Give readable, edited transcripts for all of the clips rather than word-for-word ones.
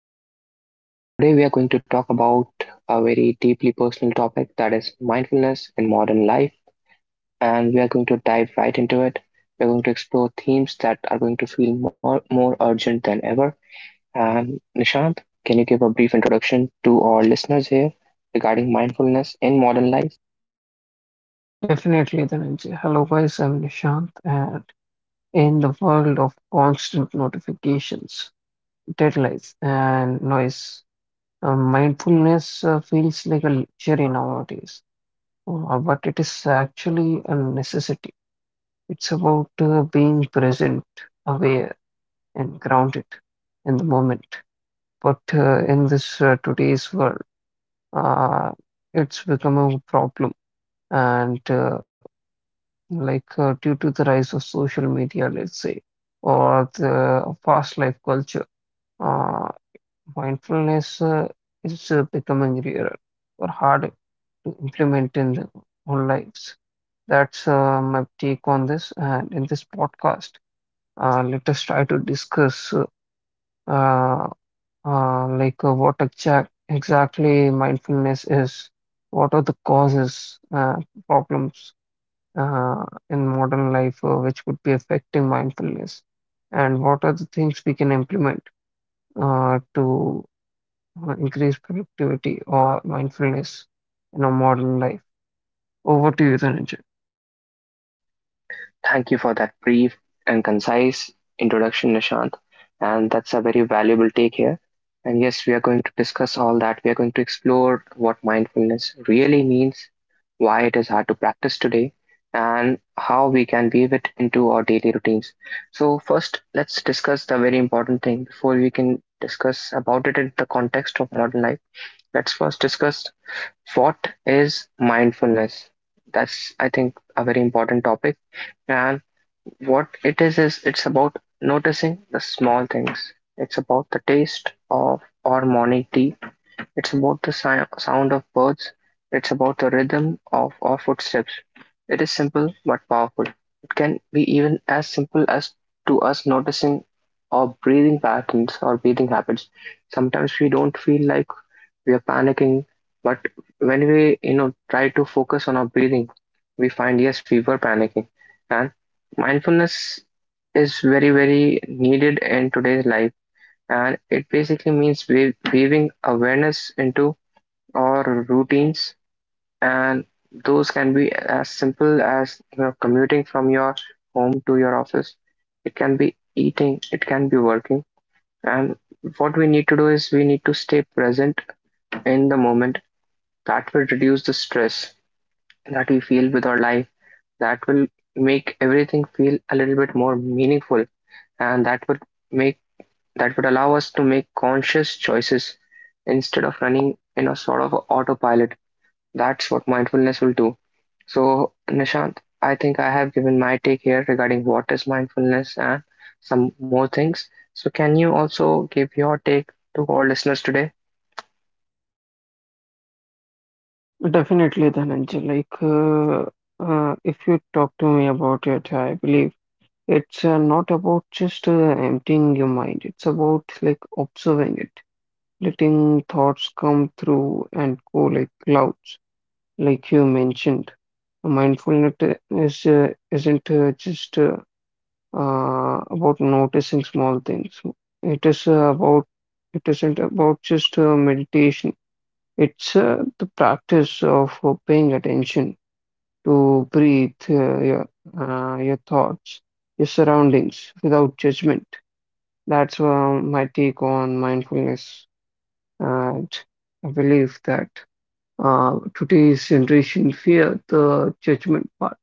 here with Nishant. Today, we are going to talk about a very deeply personal topic that is mindfulness in modern life, and we are going to dive right into it. We're going to explore themes that are going to feel more urgent than ever. And Nishant, can you give a brief introduction to our listeners here regarding mindfulness in modern life? Definitely, Dhananjay. Hello, guys. I'm Nishant, and in the world of constant notifications, deadlines, and noise, mindfulness feels like a luxury nowadays, but it is actually a necessity. It's about being present, aware, and grounded in the moment. But in this today's world, uh, it's become a problem, and due to the rise of social media, let's say, or the fast life culture, uh, mindfulness is becoming rarer or hard to implement in our own lives. That's my take on this. And in this podcast, let us try to discuss uh, what exactly mindfulness is, what are the causes, problems, in modern life, which could be affecting mindfulness? And what are the things we can implement to increase productivity or mindfulness in our modern life? Over to you, Dhananjay. Thank you for that brief and concise introduction, Nishant. And that's a very valuable take here. And yes, we are going to discuss all that. We are going to explore what mindfulness really means, why it is hard to practice today, and how we can weave it into our daily routines. So, first, let's discuss the very important thing before we can discuss about it in the context of modern life. Let's first discuss what is mindfulness. That's, I think, a very important topic. And what it is it's about noticing the small things. It's about the taste of our morning tea. It's about the sound of birds. It's about the rhythm of our footsteps. It is simple but powerful. It can be even as simple as to us noticing our breathing patterns or breathing habits. Sometimes we don't feel like we are panicking. But when we, try to focus on our breathing, we find yes, we were panicking. And mindfulness is very, very needed in today's life. And it basically means weaving awareness into our routines. And those can be as simple as commuting from your home to your office. It can be eating, it can be working. And what we need to do is we need to stay present in the moment that will reduce the stress that we feel with our life. That will make everything feel a little bit more meaningful, and make that would allow us to make conscious choices instead of running in a sort of a autopilot. That's what mindfulness will do. So, Nishant, I think I have given my take here regarding what is mindfulness and some more things. So, can you also give your take to our listeners today? Definitely, Dhananjay. Like, if you talk to me about it, I believe it's not about just emptying your mind. It's about, like, observing it, letting thoughts come through and go like clouds, like you mentioned. Mindfulness is isn't just about noticing small things. It is uh, about it isn't about just meditation. It's the practice of paying attention to breathe, your thoughts, your surroundings, without judgment. That's my take on mindfulness, and I believe that today's generation fear the judgment part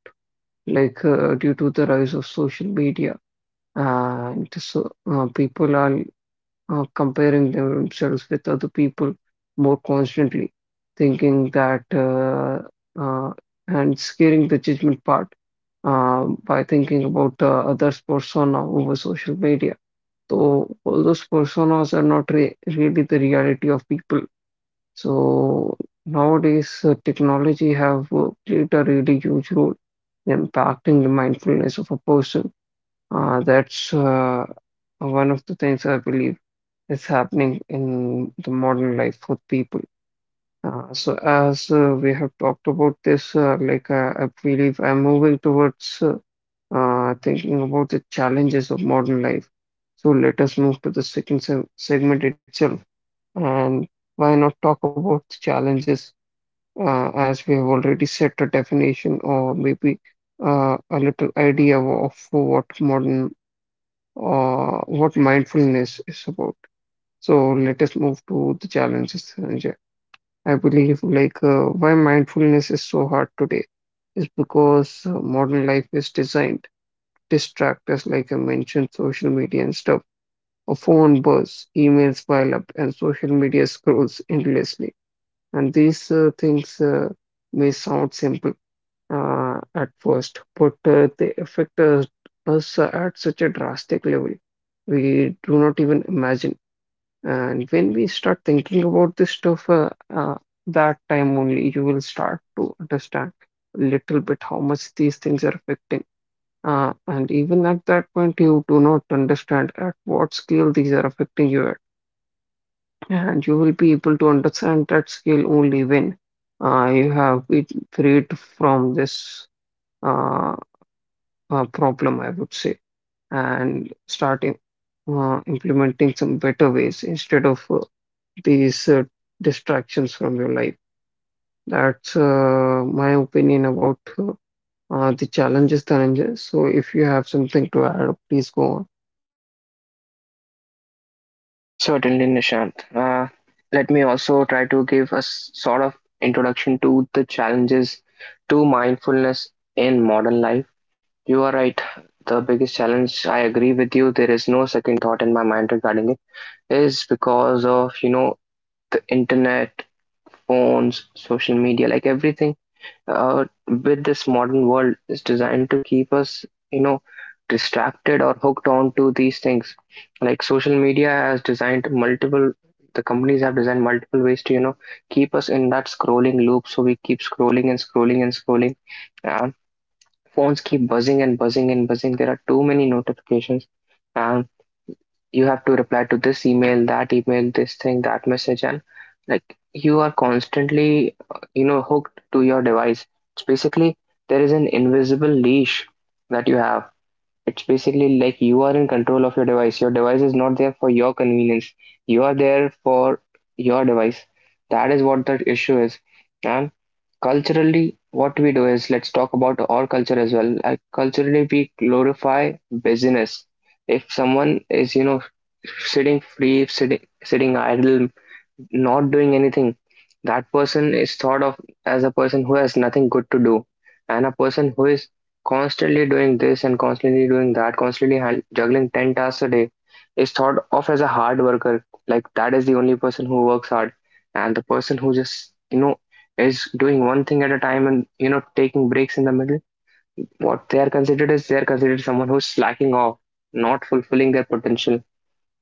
due to the rise of social media, and so people are comparing themselves with other people more constantly, thinking that uh, and scaring the judgment part by thinking about the other's persona over social media, so all those personas are not re really the reality of people. So nowadays, technology have played a really huge role in impacting the mindfulness of a person. That's one of the things I believe is happening in the modern life for people. So as we have talked about this, I believe I'm moving towards thinking about the challenges of modern life. So let us move to the second se segment itself, and why not talk about the challenges, as we have already set a definition, or maybe a little idea of what mindfulness is about. So let us move to the challenges, Sanjay. I believe, like, why mindfulness is so hard today is because modern life is designed to distract us, like I mentioned, social media and stuff. A phone buzz, emails pile up, and social media scrolls endlessly. And these things may sound simple at first, but they affect us at such a drastic level we do not even imagine. And when we start thinking about this stuff, that time only you will start to understand a little bit how much these things are affecting. And even at that point, you do not understand at what scale these are affecting you at. And you will be able to understand that scale only when you have been freed from this Uh, problem, I would say, and start implementing some better ways instead of these distractions from your life. That's my opinion about the challenges, Dhananjay. So if you have something to add, please go on. Certainly, Nishant. Let me also try to give a sort of introduction to the challenges to mindfulness in modern life. You are right. The biggest challenge, I agree with you, there is no second thought in my mind regarding it, is because of, the internet, phones, social media, like everything with this modern world is designed to keep us, you know, distracted or hooked on to these things. Like social media has designed multiple, the companies have designed multiple ways to, keep us in that scrolling loop. So we keep scrolling and scrolling and scrolling. And phones keep buzzing and buzzing and buzzing. There are too many notifications. Um, you have to reply to this email, that email, this thing, that message, and like you are constantly, hooked to your device. It's basically there is an invisible leash that you have. It's basically like you are in control of your device. Your device is not there for your convenience. You are there for your device. That is what the issue is. And culturally, what we do is let's talk about our culture as well. Like culturally, we glorify business if someone is sitting free, sitting idle, not doing anything, that person is thought of as a person who has nothing good to do, and a person who is constantly doing this and constantly doing that, constantly juggling 10 tasks a day, is thought of as a hard worker. Like that is the only person who works hard, and the person who just is doing one thing at a time and taking breaks in the middle. What they are considered is they are considered someone who's slacking off, not fulfilling their potential.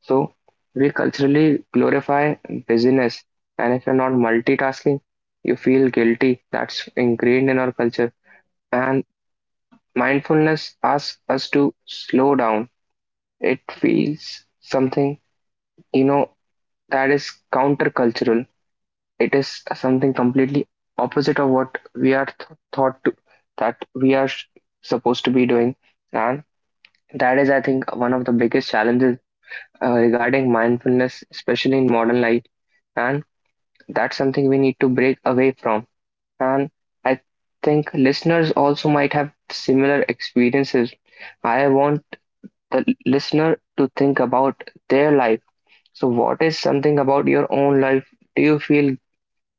So we culturally glorify busyness, and if you're not multitasking, you feel guilty. That's ingrained in our culture. And mindfulness asks us to slow down. It feels something, you know, that is countercultural. It is something completely opposite of what we are thought to, that we are supposed to be doing. And that is, I think, one of the biggest challenges regarding mindfulness, especially in modern life. And that's something we need to break away from. And I think listeners also might have similar experiences. I want the listener to think about their life. So, what is something about your own life? Do you feel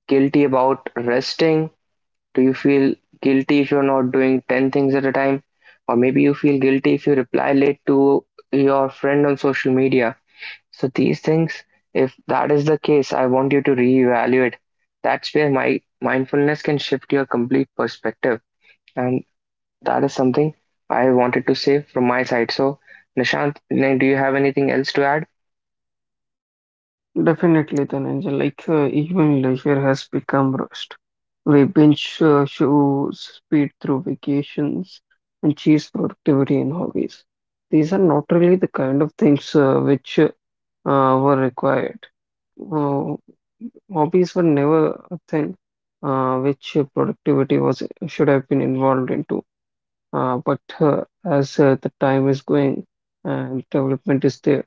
guilty about resting? Do you feel guilty if you're not doing 10 things at a time? Or maybe you feel guilty if you reply late to your friend on social media. So these things, if that is the case, I want you to reevaluate. That's where my mindfulness can shift your complete perspective. And that is something I wanted to say from my side. So Nishant, do you have anything else to add? Definitely, Dhananjay. Like, even leisure has become rust. We binge shows, speed through vacations, and chase productivity in hobbies. These are not really the kind of things which were required. Uh, Hobbies were never a thing which productivity was should have been involved into. But as the time is going and development is there,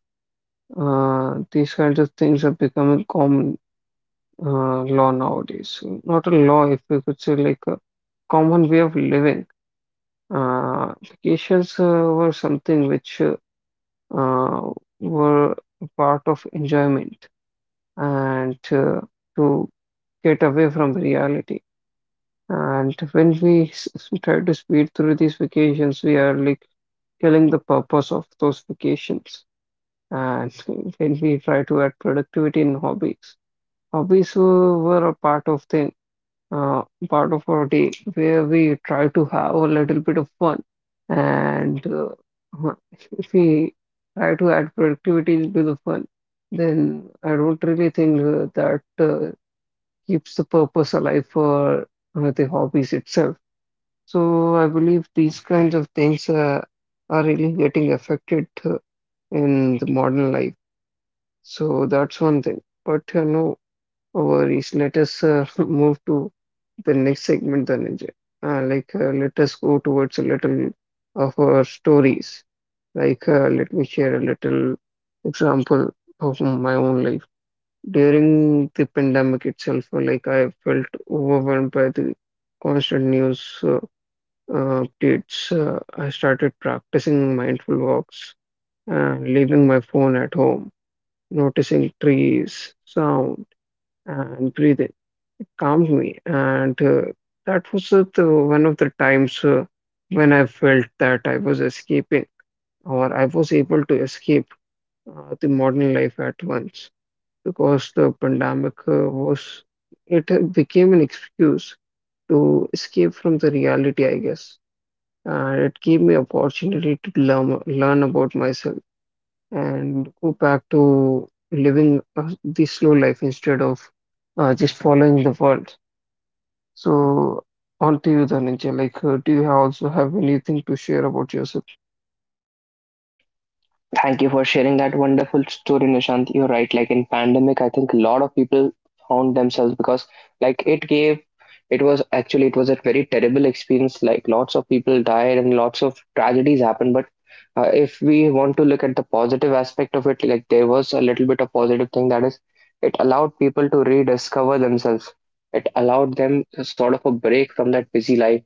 these kinds of things are becoming common, law nowadays. So, not a law, if we could say, like a common way of living. Vacations were something which uh, were a part of enjoyment, and to get away from reality. And when we try to speed through these vacations, we are like killing the purpose of those vacations. And when we try to add productivity in hobbies, hobbies were a part of things, uh, part of our day where we try to have a little bit of fun, and huh, if we try to add productivity into the fun, then I don't really think that keeps the purpose alive for the hobbies itself. So I believe these kinds of things are really getting affected in the modern life. So that's one thing. But no worries. Let us move to the next segment, Dhananjay. Let us go towards a little of our stories. Like, let me share a little example of my own life. During the pandemic itself, I felt overwhelmed by the constant news updates. I started practicing mindful walks and leaving my phone at home, noticing trees, sound, and breathing. It calmed me. And that was the one of the times when I felt that I was escaping, or I was able to escape the modern life at once, because the pandemic was, it became an excuse to escape from the reality, I guess. And it gave me opportunity to learn about myself and go back to living the slow life instead of just following the world. So, on to you, Dhananjay. Like, do you have also have anything to share about yourself? Thank you for sharing that wonderful story, Nishant. You're right. Like in pandemic, I think a lot of people found themselves because like it was actually it was a very terrible experience. Like lots of people died and lots of tragedies happened. But if we want to look at the positive aspect of it, like there was a little bit of positive thing that is it allowed people to rediscover themselves. It allowed them sort of a break from that busy life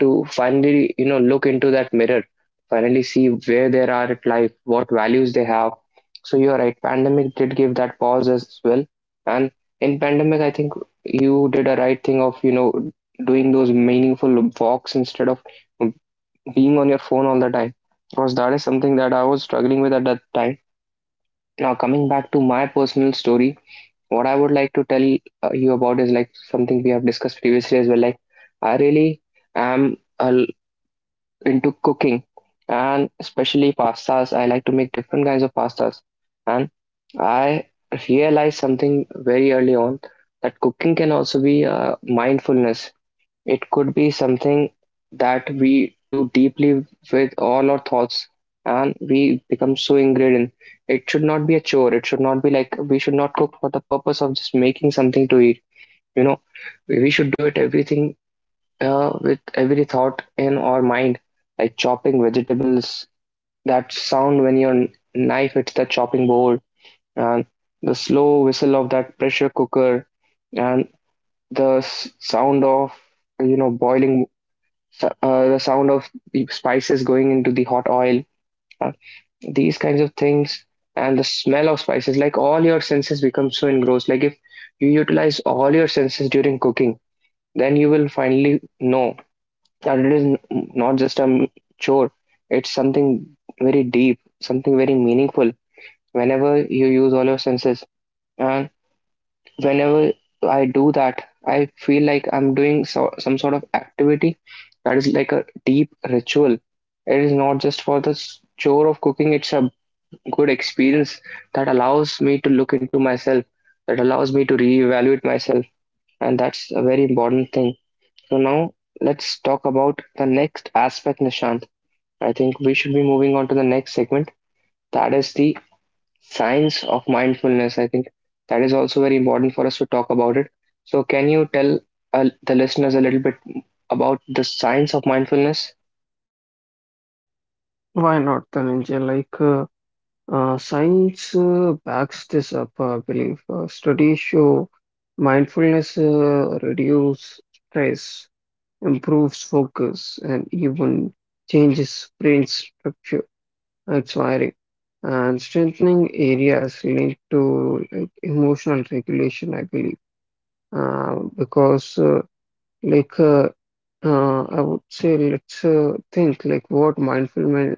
to finally, look into that mirror, finally see where they are at life, what values they have. So you're right, pandemic did give that pause as well. And in pandemic, I think you did a right thing of, doing those meaningful walks instead of being on your phone all the time. Because that is something that I was struggling with at that time. Now, coming back to my personal story, what I would like to tell you about is like something we have discussed previously as well. Like, I really am a into cooking and especially pastas. I like to make different kinds of pastas. And I realized something very early on that cooking can also be a mindfulness. It could be something that we do deeply with all our thoughts and we become so ingrained in. It should not be a chore. It should not be like we should not cook for the purpose of just making something to eat. You know, we should do it everything with every thought in our mind, like chopping vegetables, that sound when your knife hits the chopping board, and the slow whistle of that pressure cooker, and the sound of boiling, the sound of the spices going into the hot oil, uh, these kinds of things, and the smell of spices. Like all your senses become so engrossed. Like if you utilize all your senses during cooking, then you will finally know adult it is not just a chore, it's something very deep, something very meaningful. Whenever you use all your senses, and whenever I do that, I feel like I'm doing some sort of activity that is like a deep ritual. It is not just for the chore of cooking, it's a good experience that allows me to look into myself, that allows me to reevaluate myself, and that's a very important thing. So, now let's talk about the next aspect, Nishant. I think we should be moving on to the next segment. That is the science of mindfulness. I think that is also very important for us to talk about it. So, can you tell the listeners a little bit about the science of mindfulness? Why not, Dhananjay? Like, science backs this up, I believe. Studies show mindfulness reduces stress, improves focus, and even changes brain structure, its wiring, and strengthening areas linked to, like, emotional regulation, I believe. Because Like, I would say, let's think, like, what mindfulness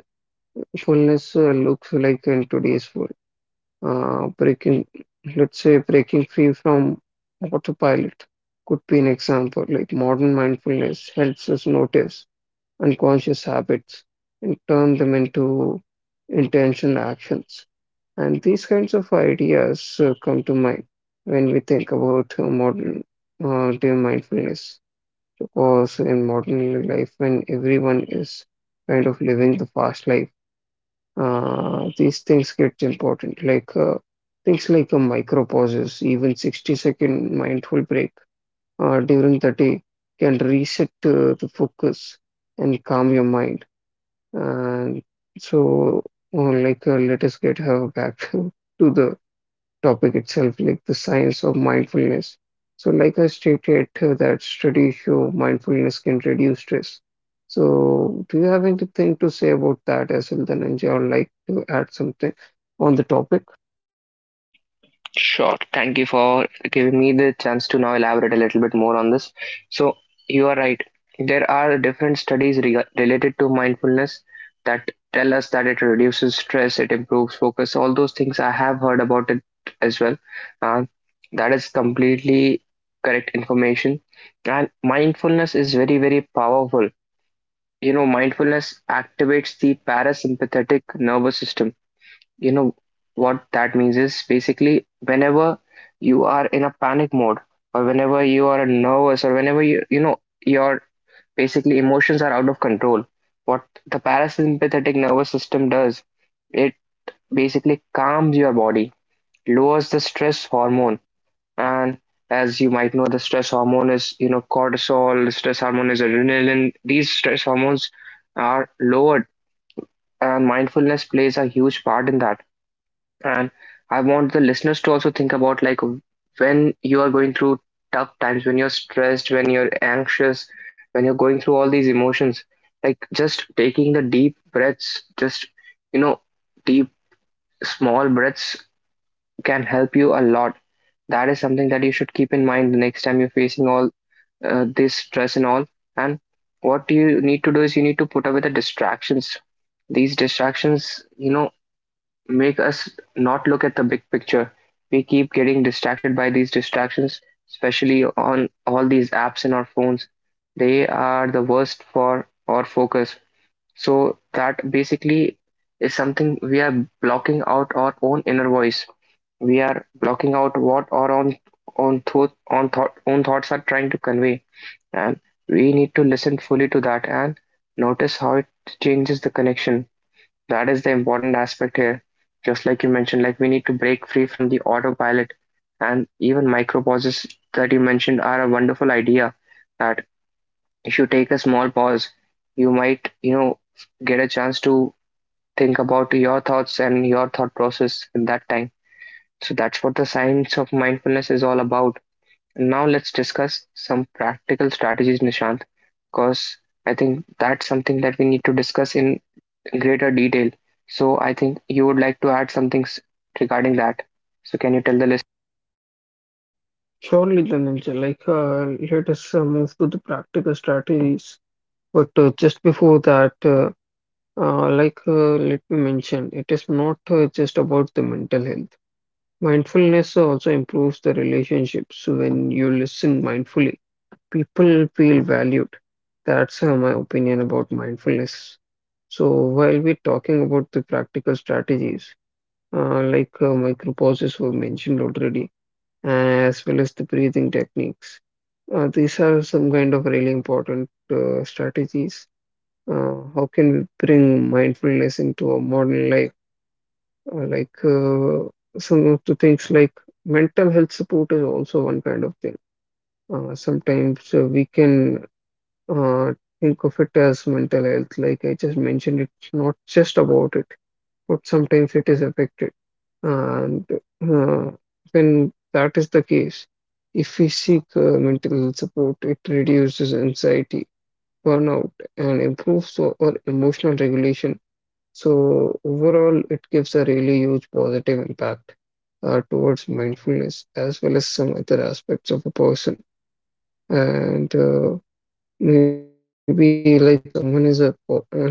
looks like in today's world. Uh, breaking, let's say, breaking free from autopilot could be an example. Like, modern mindfulness helps us notice unconscious habits and turn them into intentional actions. And these kinds of ideas come to mind when we think about modern day mindfulness course in modern life, when everyone is kind of living the fast life. These things get important, like, things like a micro pauses, even 60-second mindful break during the day, can reset the focus and calm your mind. And so, let us get her back to the topic itself, like the science of mindfulness. So, like I stated, that studies show mindfulness can reduce stress. So, do you have anything to say about that as well, Dhananjay, or, like, to add something on the topic? Sure. Thank you for giving me the chance to now elaborate a little bit more on this. So, you are right. There are different studies related to mindfulness that tell us that it reduces stress, it improves focus, all those things I have heard about it as well. Uh, that is completely correct information. And mindfulness is very, very powerful. Mindfulness activates the parasympathetic nervous system. You know what that means is basically whenever you are in a panic mode or whenever you are nervous or whenever your basically emotions are out of control, what the parasympathetic nervous system does, it basically calms your body, lowers the stress hormone, and as you might know, the stress hormone is cortisol, the stress hormone is adrenaline. These stress hormones are lowered, and mindfulness plays a huge part in that. And I want the listeners to also think about, like, when you are going through tough times, when you're stressed, when you're anxious, when you're going through all these emotions, like just taking the deep breaths, just you know, deep small breaths can help you a lot. That is something that you should keep in mind the next time you're facing all this stress and all. And what you need to do is you need to put away the distractions. These distractions, you know, make us not look at the big picture. We keep getting distracted by these distractions, especially on all these apps in our phones. They are the worst for our focus. So, that basically is something we are blocking out our own inner voice. We are blocking out what our own thoughts are trying to convey, and we need to listen fully to that and notice how it changes the connection. That is the important aspect here. Just like you mentioned, like we need to break free from the autopilot and even micro pauses that you mentioned are a wonderful idea, that if you take a small pause, you might, you know, get a chance to think about your thoughts and your thought process in that time. So that's what the science of mindfulness is all about. Now let's discuss some practical strategies, Nishant, because I think that's something that we need to discuss in greater detail. So I think you would like to add some things regarding that. So can you tell the list? Surely, Dhananjay, like, let us move to the practical strategies. But just before that, let me mention, it is not just about the mental health. Mindfulness also improves the relationships. When you listen mindfully, people feel valued. That's my opinion about mindfulness. So, while we're talking about the practical strategies, micropauses were mentioned already, as well as the breathing techniques. These are some kind of really important strategies. How can we bring mindfulness into our modern life? uh, like uh, some of the things, like mental health support, is also one kind of thing. Sometimes we can uh, think of it as mental health. Like I just mentioned, it's not just about it, but sometimes it is affected. And uh, when that is the case, if we seek mental health support, it reduces anxiety, burnout, and improves our emotional regulation. So overall, it gives a really huge positive impact towards mindfulness, as well as some other aspects of a person. And maybe, like, if someone is in a corporate,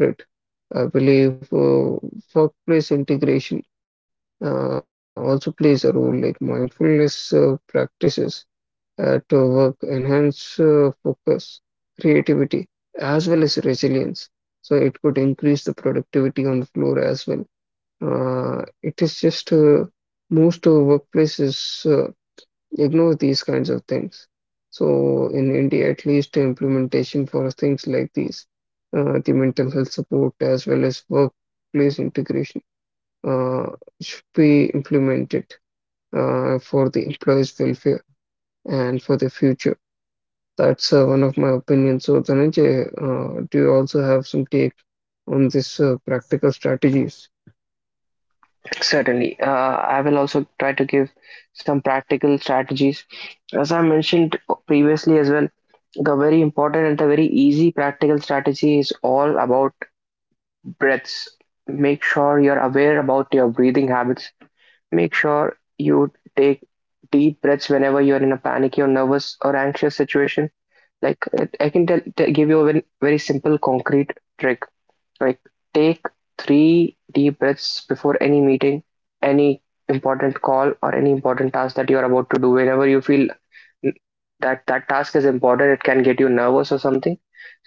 I believe workplace integration also plays a role. Like, mindfulness practices at work enhance focus, creativity, as well as resilience. So it could increase the productivity on the floor as well. It is just most workplaces uh, ignore these kinds of things. So in India, at least, implementation for things like these, the mental health support as well as workplace integration, uh, should be implemented for the employees' welfare and for the future. That's one of my opinions. So, Dhananjay, do you also have some take on this practical strategies? Certainly. I will also try to give some practical strategies. As I mentioned previously as well, the very important and the very easy practical strategy is all about breaths. Make sure you're aware about your breathing habits. Make sure you take deep breaths whenever you're in a panicky or nervous or anxious situation. Like, I can tell, give you a very, very simple concrete trick. Like take three deep breaths before any meeting, any important call, or any important task that you are about to do. Whenever you feel that that task is important, it can get you nervous or something,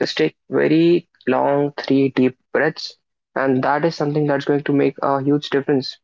just take very long three deep breaths, and that is something that's going to make a huge difference.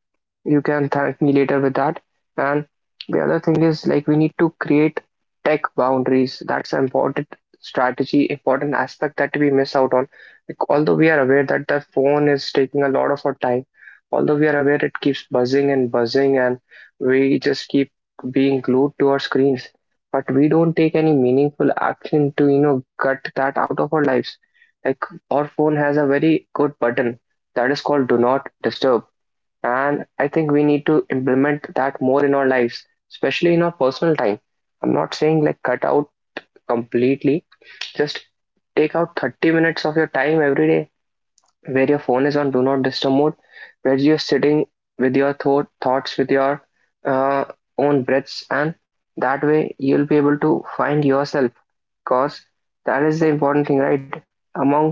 You can thank me later with that. And the other thing is, like, we need to create tech boundaries. That's an important strategy important aspect that we miss out on. Like, although we are aware that the phone is taking a lot of our time, although we are aware it keeps buzzing and buzzing, and we just keep being glued to our screens, but we don't take any meaningful action to, you know, cut that out of our lives. Like, our phone has a very good button that is called do not disturb, and I think we need to implement that more in our lives, especially in our personal time. I'm not saying like cut out completely, just take out 30 minutes of your time every day, where your phone is on do not disturb mode, where you're sitting with your thoughts with your uh, own breaths, and that way you'll be able to find yourself. Cause that is the important thing, right? Among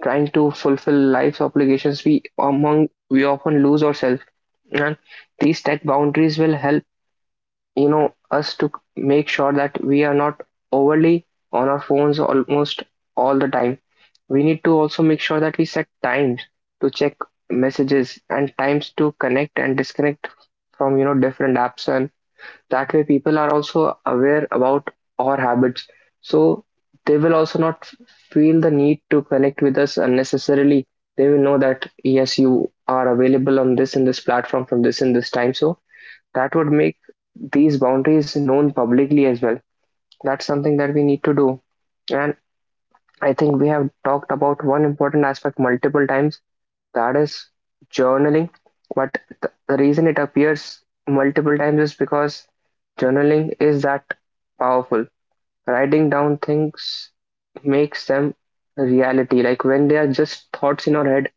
trying to fulfill life's obligations, we among we often lose ourselves, and these tech boundaries will help, you know, us to make sure that we are not overly on our phones almost all the time. We need to also make sure that we set times to check messages and times to connect and disconnect from, you know, different apps, and that way people are also aware about our habits, so they will also not feel the need to connect with us unnecessarily. They will know that yes, you are available on this and this platform from this and this time, so that would make these boundaries known publicly as well. That's something that we need to do. And I think we have talked about one important aspect multiple times, that is journaling. But the reason it appears multiple times is because journaling is that powerful. Writing down things makes them reality. Like when they are just thoughts in our head,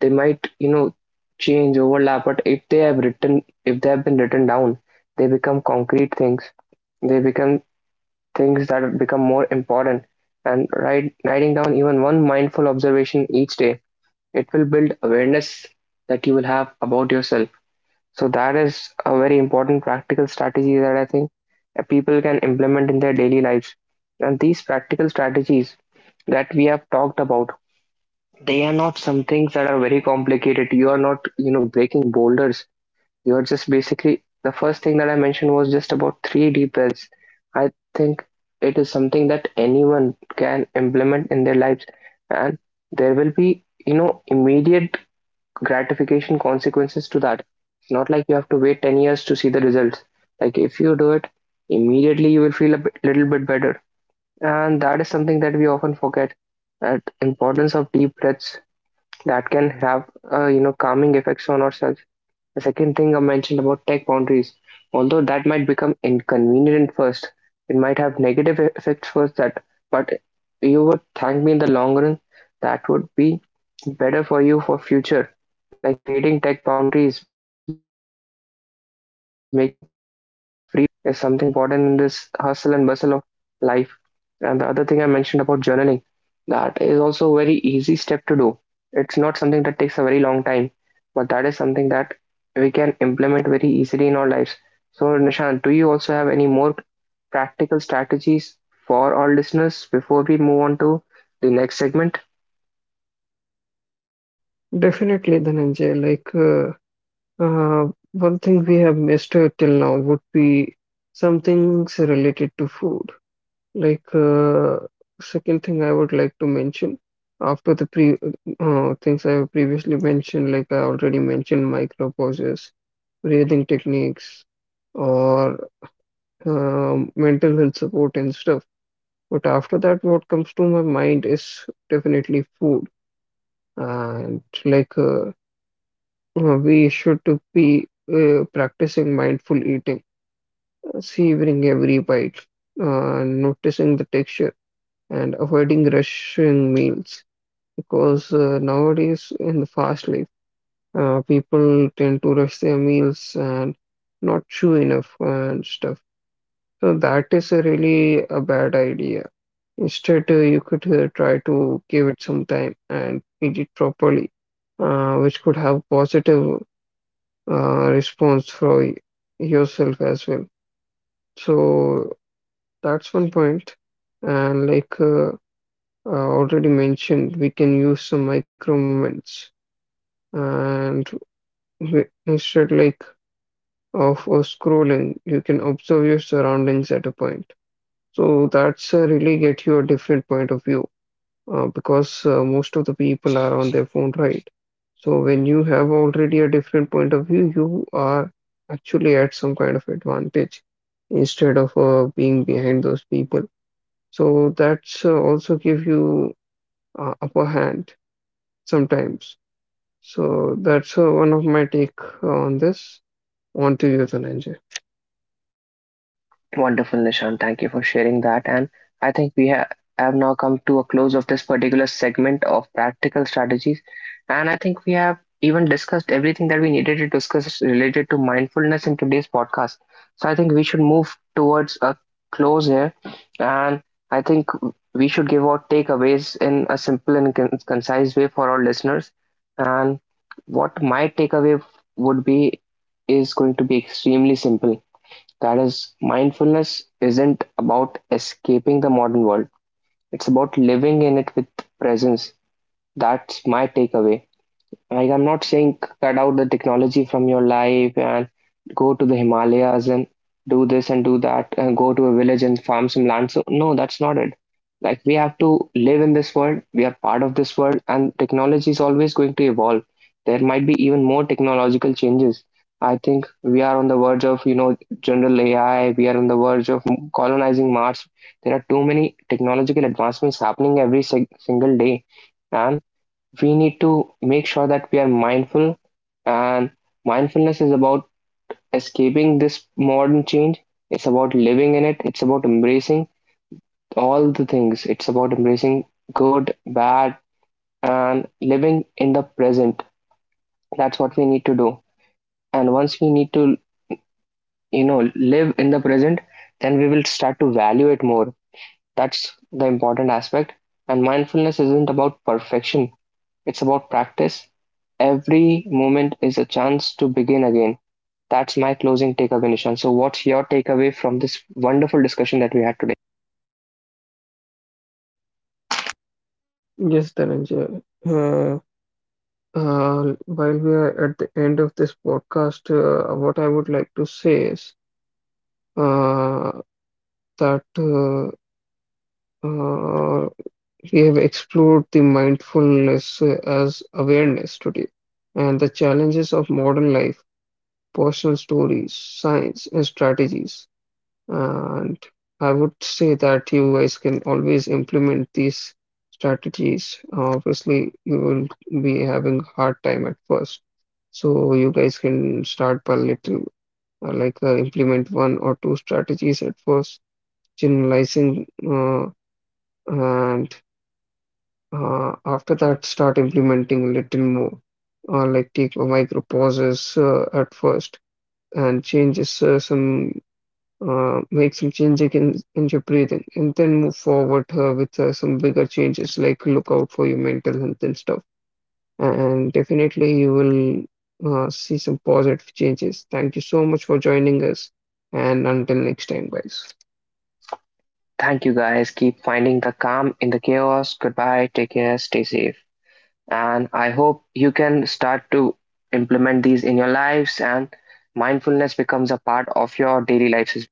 they might, you know, change, overlap. But if they have written, if they have been written down, they become concrete things. They become things that have become more important. And writing down even one mindful observation each day, it will build awareness that you will have about yourself. So that is a very important practical strategy that I think people can implement in their daily lives. And these practical strategies that we have talked about, they are not some things that are very complicated. You are not, you know, breaking boulders. You're just basically, the first thing that I mentioned was just about 3D pills. I think it is something that anyone can implement in their lives, and there will be, you know, immediate gratification consequences to that. It's not like you have to wait 10 years to see the results. Like, if you do it immediately, you will feel a little bit better, and that is something that we often forget, that importance of deep breaths that can have, you know, calming effects on ourselves. The second thing I mentioned about tech boundaries, although that might become inconvenient at first, it might have negative effects first, that, but you would thank me in the long run. That would be better for you for future. Like creating tech boundaries, making some time free from tech is something that is very important in this hustle and bustle of life. And the other thing I mentioned about journaling, that is also a very easy step to do. It's not something that takes a very long time, but that is something that we can implement very easily in our lives. So, Nishant, do you also have any more practical strategies for our listeners before we move on to the next segment? Definitely, Dhananjay. Like. Uh, One thing we have missed till now would be some things related to food. Like, second thing I would like to mention after the pre things I have previously mentioned, like I already mentioned micro pauses, breathing techniques, or mental health support and stuff. But after that, what comes to my mind is definitely food. And, like, we should to be practicing mindful eating, savoring every bite, noticing the texture, and avoiding rushing meals. Because nowadays, in the fast life, people tend to rush their meals and not chew enough and stuff. So that is a really a bad idea. Instead, you could try to give it some time and eat it properly, which could have positive response for yourself as well. So that's one point. And, like, I already mentioned, we can use some micro moments. And we, instead, like, of scrolling, you can observe your surroundings at a point. So that's really get you a different point of view, because most of the people are on their phone, right? So when you have already a different point of view, you are actually at some kind of advantage instead of being behind those people. So that's also give you upper hand sometimes. So that's one of my take on this. On to you, Dhananjay. Wonderful, Nishan. Thank you for sharing that. And I think we have now come to a close of this particular segment of practical strategies. And I think we have even discussed everything that we needed to discuss related to mindfulness in today's podcast. So I think we should move towards a close here. And I think we should give out takeaways in a simple and concise way for our listeners. And what my takeaway would be is going to be extremely simple, that is, mindfulness isn't about escaping the modern world, it's about living in it with presence. That's my takeaway. Like, I'm not saying cut out the technology from your life and go to the Himalayas and do this and do that and go to a village and farm some land. So, no, that's not it. Like, we have to live in this world, we are part of this world, and technology is always going to evolve. There might be even more technological changes. I think we are on the verge of, you know, general AI, we are on the verge of colonizing Mars. There are too many technological advancements happening every single day, and we need to make sure that we are mindful, and mindfulness is about escaping this modern change. It's about living in it, it's about embracing all the things, it's about embracing good, bad, and living in the present. That's what we need to do. And once we need to, you know, live in the present, then we will start to value it more. That's the important aspect. And mindfulness isn't about perfection, it's about practice. Every moment is a chance to begin again. That's my closing takeaway, Nishan. So, what's your takeaway from this wonderful discussion that we had today? Yes, Dhananjay. While we are at the end of this podcast, what I would like to say is uh, that uh, we have explored the mindfulness as awareness today and the challenges of modern life, personal stories, science, and strategies. And I would say that you guys can always implement these strategies. Obviously, you will be having hard time at first. So you guys can start by little, implement one or two strategies at first, generalizing, and after that start implementing a little more, or like take a micro pauses at first, and changes some make some changes in your breathing, and then move forward with some bigger changes, like look out for your mental health and stuff. And definitely you will see some positive changes. Thank you so much for joining us, and until next time, guys. Thank you, guys. Keep finding the calm in the chaos. Goodbye. Take care. Stay safe. And I hope you can start to implement these in your lives and mindfulness becomes a part of your daily lives.